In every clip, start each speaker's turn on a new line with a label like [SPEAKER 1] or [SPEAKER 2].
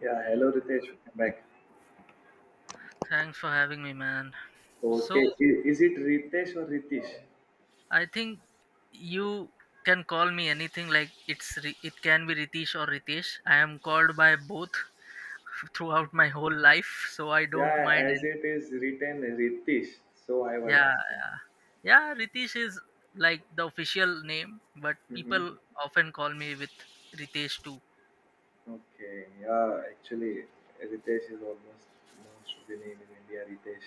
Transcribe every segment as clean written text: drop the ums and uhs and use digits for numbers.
[SPEAKER 1] Yeah, hello Ritesh, welcome back.
[SPEAKER 2] Thanks for having me, man.
[SPEAKER 1] Okay,
[SPEAKER 2] So
[SPEAKER 1] is it Ritesh or Ritesh?
[SPEAKER 2] I think you can call me anything. Like it's it can be Ritesh or Ritesh. I am called by both throughout my whole life, so I don't
[SPEAKER 1] Yeah,
[SPEAKER 2] mind.
[SPEAKER 1] as it is written Ritesh, so I was
[SPEAKER 2] Yeah,
[SPEAKER 1] asking.
[SPEAKER 2] yeah, Ritesh is like the official name, but
[SPEAKER 1] Hmm.
[SPEAKER 2] people often call me with Ritesh too.
[SPEAKER 1] Okay, yeah, actually Ritesh is almost most of the name in India Ritesh,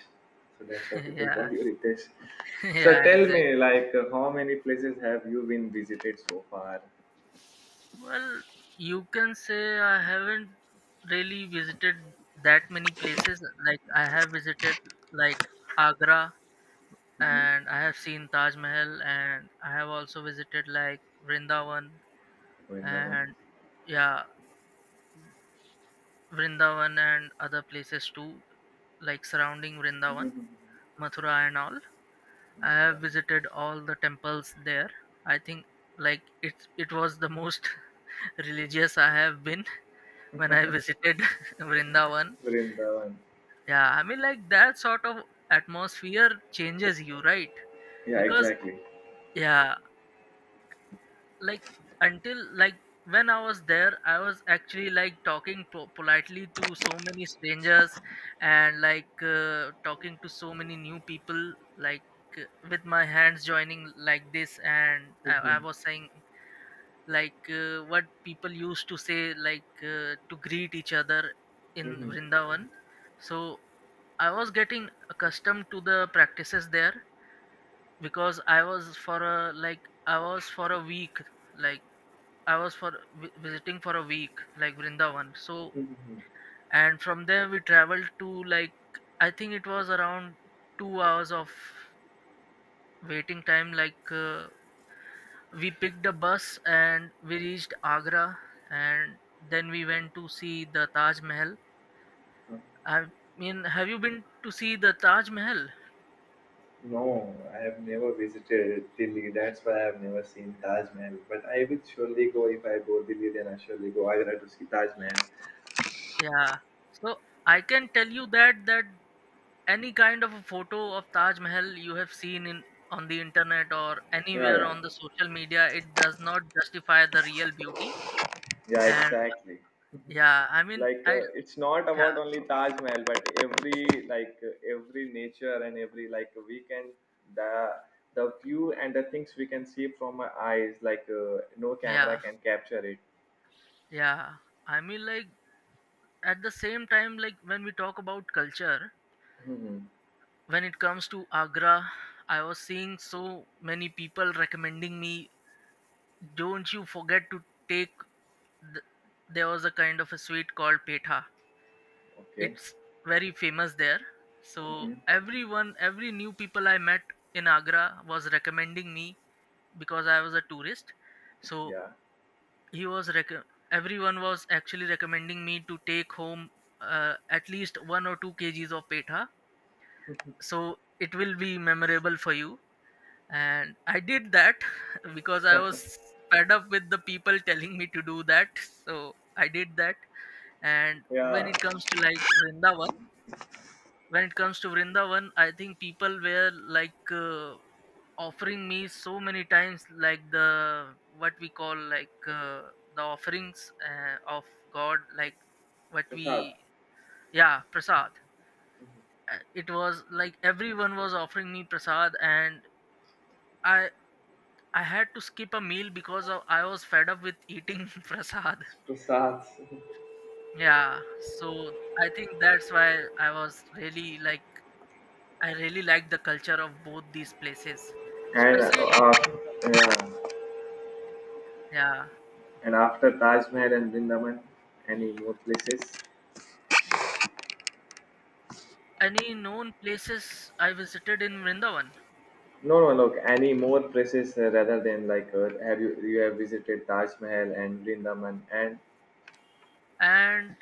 [SPEAKER 1] so that's why people
[SPEAKER 2] yeah,
[SPEAKER 1] call you Ritesh. So
[SPEAKER 2] yeah,
[SPEAKER 1] tell
[SPEAKER 2] exactly.
[SPEAKER 1] me, like, how many places have you been visited so far?
[SPEAKER 2] Well, you can say I haven't really visited that many places. Like I have visited like Agra
[SPEAKER 1] Hmm.
[SPEAKER 2] and I have seen Taj Mahal, and I have also visited Vrindavan
[SPEAKER 1] Vrindavan.
[SPEAKER 2] and yeah, Vrindavan and other places too, like surrounding Vrindavan,
[SPEAKER 1] Hmm.
[SPEAKER 2] Mathura and all. I have
[SPEAKER 1] Mathura.
[SPEAKER 2] visited all the temples there. I think like it was the most religious I have been when I visited Vrindavan.
[SPEAKER 1] Vrindavan.
[SPEAKER 2] Yeah, I mean like that sort of atmosphere changes you, right?
[SPEAKER 1] Yeah,
[SPEAKER 2] Because
[SPEAKER 1] exactly.
[SPEAKER 2] yeah, like until like When I was there, I was actually like talking politely to so many strangers, and talking to so many new people, like uh, with my hands joining like this,
[SPEAKER 1] Mm-hmm.
[SPEAKER 2] I was saying what people used to say, to greet each other in
[SPEAKER 1] Mm-hmm.
[SPEAKER 2] Vrindavan. So I was getting accustomed to the practices there because I was for a week, like I was for vi- visiting for a week, like Vrindavan. So,
[SPEAKER 1] Mm-hmm.
[SPEAKER 2] and from there we traveled to like I think it was around 2 hours of waiting time. We picked a bus and we reached Agra, and then we went to see the Taj Mahal. I mean, have you been to see the Taj Mahal?
[SPEAKER 1] No, I have never visited Delhi. That's why I have never seen Taj Mahal. But I will surely go if I go Delhi. Then I surely go Agra to see Taj Mahal.
[SPEAKER 2] Yeah. So I can tell you that any kind of a photo of Taj Mahal you have seen in on the internet or
[SPEAKER 1] Yeah,
[SPEAKER 2] anywhere
[SPEAKER 1] yeah,
[SPEAKER 2] on the social media, it does not justify the real beauty.
[SPEAKER 1] yeah.
[SPEAKER 2] And
[SPEAKER 1] Exactly.
[SPEAKER 2] yeah, I mean,
[SPEAKER 1] Like
[SPEAKER 2] I
[SPEAKER 1] it's not
[SPEAKER 2] yeah,
[SPEAKER 1] about only Taj Mahal, but every like every nature and every like we can the the view and the things we can see from our eyes. Like no camera
[SPEAKER 2] yeah,
[SPEAKER 1] can capture it.
[SPEAKER 2] yeah. I mean, like at the same time, like when we talk about culture,
[SPEAKER 1] Hmm.
[SPEAKER 2] when it comes to Agra, I was seeing so many people recommending me, don't you forget to take. The, there was a kind of a sweet called petha.
[SPEAKER 1] Okay.
[SPEAKER 2] It's very famous there, so
[SPEAKER 1] Hmm.
[SPEAKER 2] every new people I met in Agra was recommending me because I was a tourist. So
[SPEAKER 1] Yeah.
[SPEAKER 2] he was rec- everyone was actually recommending me to take home, at least 1 or 2 kgs of petha, so it will be memorable for you. And I did that because I was fed up with the people telling me to do that, so I did that. And when
[SPEAKER 1] Yeah.
[SPEAKER 2] it comes to like vrindavan When it comes to Vrindavan, I think people were offering me so many times, like the, what we call like the offerings of God, like what
[SPEAKER 1] Prasad.
[SPEAKER 2] we yeah, prasad. It was like everyone was offering me prasad, and I I had to skip a meal because of, I was fed up with eating prasad.
[SPEAKER 1] Prasad.
[SPEAKER 2] Yeah, so I think that's why I was really I really like the culture of both these places,
[SPEAKER 1] And
[SPEAKER 2] especially
[SPEAKER 1] yeah,
[SPEAKER 2] yeah,
[SPEAKER 1] and after Taj Mahal and Vrindavan, any more places?
[SPEAKER 2] any known places I visited in Vrindavan,
[SPEAKER 1] No, no, look, any more places rather than like have you you have visited Taj Mahal and Vrindavan and
[SPEAKER 2] and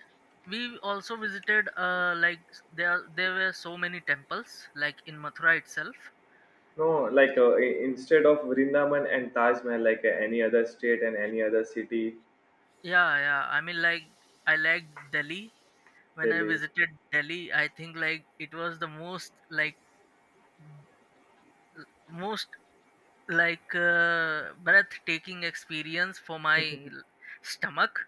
[SPEAKER 2] we also visited like there were so many temples like in Mathura itself.
[SPEAKER 1] no, like instead of Vrindavan and Taj Mahal, like any other state and any other city.
[SPEAKER 2] Yeah, yeah. I mean like I like Delhi. When I
[SPEAKER 1] Delhi.
[SPEAKER 2] visited Delhi, I think like it was the most breathtaking experience for my stomach,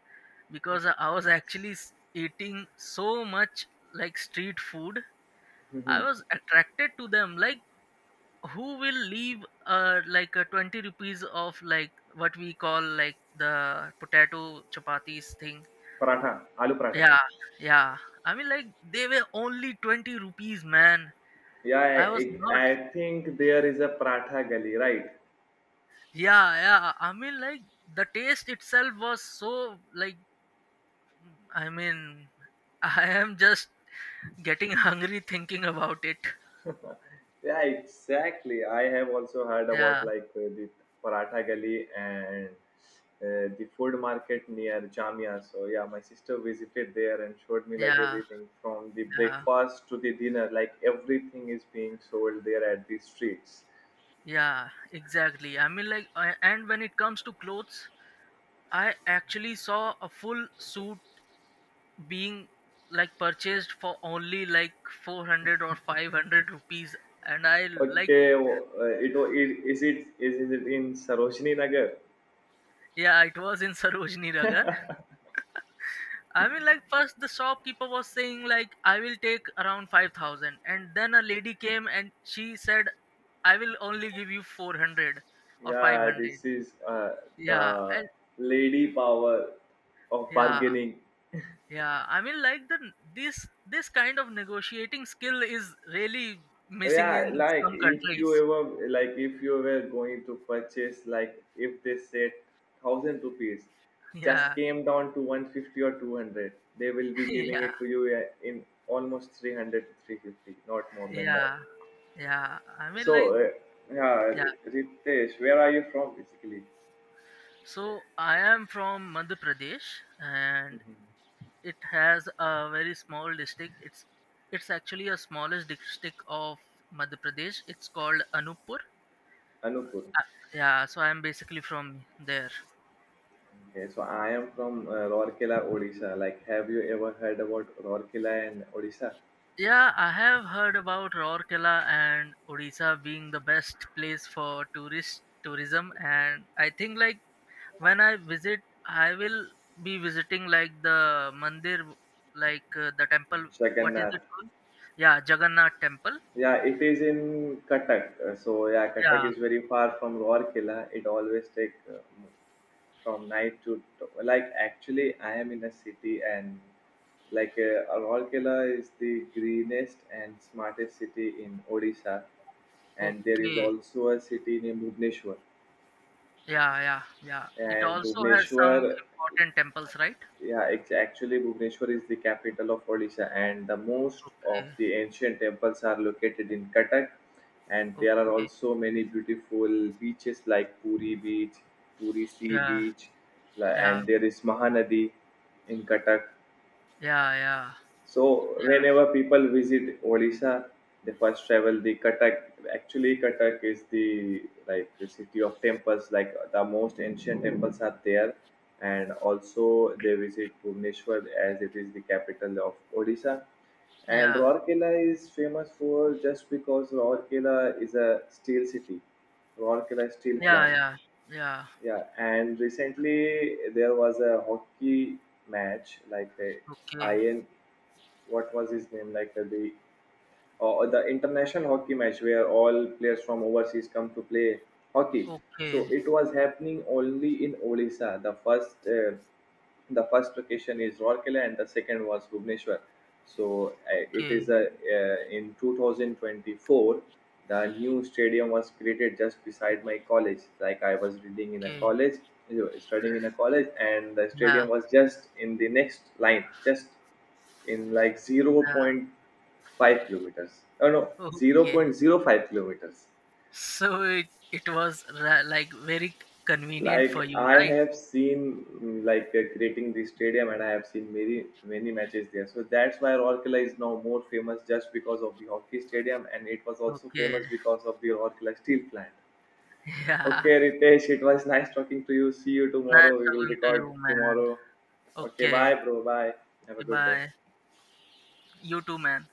[SPEAKER 2] because I was actually eating so much like street food. I
[SPEAKER 1] Mhm.
[SPEAKER 2] was attracted to them. Like who will leave, like a 20 rupees of, like what we call like, the potato chapatis thing?
[SPEAKER 1] Paratha, aloo paratha.
[SPEAKER 2] Yeah, yeah. I mean like they were only 20 rupees, man.
[SPEAKER 1] Yeah,
[SPEAKER 2] I was
[SPEAKER 1] I,
[SPEAKER 2] not.
[SPEAKER 1] I I think there is a paratha Gali, right?
[SPEAKER 2] Yeah, yeah. I mean like the taste itself was so like, I mean, I am just getting hungry thinking about it.
[SPEAKER 1] Yeah, exactly. I have also heard about
[SPEAKER 2] Yeah,
[SPEAKER 1] like the Paratha Gali and the food market near Jamia. So yeah, my sister visited there and showed me like
[SPEAKER 2] yeah,
[SPEAKER 1] everything from the
[SPEAKER 2] yeah,
[SPEAKER 1] breakfast to the dinner. Like everything is being sold there at the streets.
[SPEAKER 2] yeah, exactly. I mean, and when it comes to clothes, I actually saw a full suit being like purchased for only like 400 or 500 rupees, and I like,
[SPEAKER 1] Okay, it is, it is it in Sarojini Nagar?
[SPEAKER 2] yeah, it was in Sarojini Nagar. I mean, like first the shopkeeper was saying like I will take around 5,000, and then a lady came and she said, I will only give you 400 or five
[SPEAKER 1] Yeah,
[SPEAKER 2] hundred.
[SPEAKER 1] this is
[SPEAKER 2] Yeah,
[SPEAKER 1] the
[SPEAKER 2] and
[SPEAKER 1] lady power of
[SPEAKER 2] yeah,
[SPEAKER 1] bargaining.
[SPEAKER 2] yeah. I mean, like the this this kind of negotiating skill is really missing
[SPEAKER 1] Yeah,
[SPEAKER 2] in
[SPEAKER 1] like
[SPEAKER 2] some
[SPEAKER 1] if you
[SPEAKER 2] countries.
[SPEAKER 1] ever, like if you were going to purchase, like if they said 1,000 rupees, just
[SPEAKER 2] Yeah,
[SPEAKER 1] came down to 150 or 200, they will be giving
[SPEAKER 2] yeah,
[SPEAKER 1] it to you in almost 300 to 350, not more than that.
[SPEAKER 2] yeah, yeah. I mean,
[SPEAKER 1] So
[SPEAKER 2] like yeah.
[SPEAKER 1] yeah, Ritesh, where are you from basically?
[SPEAKER 2] So I am from Madhya Pradesh, and
[SPEAKER 1] Mhm.
[SPEAKER 2] it has a very small district. It's actually a smallest district of Madhya Pradesh. It's called Anuppur.
[SPEAKER 1] Anupur.
[SPEAKER 2] Uh, yeah, so I'm basically from there.
[SPEAKER 1] Okay, so I am from Rourkela, Odisha. Like, have you ever heard about Rourkela and Odisha?
[SPEAKER 2] Yeah, I have heard about Rourkela and Odisha being the best place for tourist tourism, and I think like when I visit, I will be visiting like the mandir, the temple. What is
[SPEAKER 1] Jagannath.
[SPEAKER 2] it called? Yeah, Jagannath Temple.
[SPEAKER 1] Yeah, it is in Cuttack. So yeah, Cuttack
[SPEAKER 2] Yeah.
[SPEAKER 1] is very far from Rourkela. It always take from night to, like, actually I am in a city and like Rourkela is the greenest and smartest city in Odisha, and there is
[SPEAKER 2] Okay.
[SPEAKER 1] also a city named Bhubaneswar.
[SPEAKER 2] Yeah, yeah, yeah. It
[SPEAKER 1] And
[SPEAKER 2] also has some
[SPEAKER 1] Bhubaneswar,
[SPEAKER 2] important temples, right?
[SPEAKER 1] yeah, it's actually Bhubaneswar is the capital of Odisha, and the most of
[SPEAKER 2] Okay,
[SPEAKER 1] the ancient temples are located in Cuttack. And there are
[SPEAKER 2] okay.
[SPEAKER 1] also many beautiful beaches like Puri Beach, Puri Sea
[SPEAKER 2] Yeah,
[SPEAKER 1] Beach,
[SPEAKER 2] yeah,
[SPEAKER 1] and there is Mahanadi in Cuttack.
[SPEAKER 2] yeah, yeah,
[SPEAKER 1] So whenever people visit Odisha, they first travel the Cuttack. Actually, Cuttack is the, like, the city of temples. Like the most ancient temples are there, and also they visit Bhubaneswar as it is the capital of Odisha. And
[SPEAKER 2] yeah,
[SPEAKER 1] Rourkela is famous for just because Rourkela is a steel city. Rourkela steel
[SPEAKER 2] yeah,
[SPEAKER 1] plant.
[SPEAKER 2] yeah, yeah, yeah.
[SPEAKER 1] Yeah, and recently there was a hockey match, like a
[SPEAKER 2] Okay,
[SPEAKER 1] ian, what was his name, like the the international hockey match where all players from overseas come to play hockey. So
[SPEAKER 2] okay,
[SPEAKER 1] it was happening only in Odisha. The first location is Rourkela and the second was Bhubaneswar. So it is
[SPEAKER 2] okay,
[SPEAKER 1] a in 2024 the new stadium was created just beside my college. Like I was reading in a
[SPEAKER 2] okay.
[SPEAKER 1] college, studying in a college, and the
[SPEAKER 2] Yeah,
[SPEAKER 1] stadium was just in the next line, just in like zero point
[SPEAKER 2] yeah.
[SPEAKER 1] 0.5 kilometers. Oh no, zero
[SPEAKER 2] Okay.
[SPEAKER 1] point zero 0.05 kilometers.
[SPEAKER 2] So it was very convenient for
[SPEAKER 1] Like
[SPEAKER 2] you,
[SPEAKER 1] I
[SPEAKER 2] right?
[SPEAKER 1] have seen like creating the stadium and I have seen many many matches there. So that's why Rourkela is now more famous just because of the hockey stadium and it was also
[SPEAKER 2] Okay.
[SPEAKER 1] famous because of the Rourkela steel plant.
[SPEAKER 2] Yeah.
[SPEAKER 1] Okay, Ritesh, it was nice talking to you. See you
[SPEAKER 2] Nice
[SPEAKER 1] tomorrow. We will
[SPEAKER 2] talking to
[SPEAKER 1] record
[SPEAKER 2] you, man.
[SPEAKER 1] tomorrow. Okay,
[SPEAKER 2] Okay.
[SPEAKER 1] bye, bro. Bye. Have a
[SPEAKER 2] Okay,
[SPEAKER 1] good day.
[SPEAKER 2] bye. You too, man.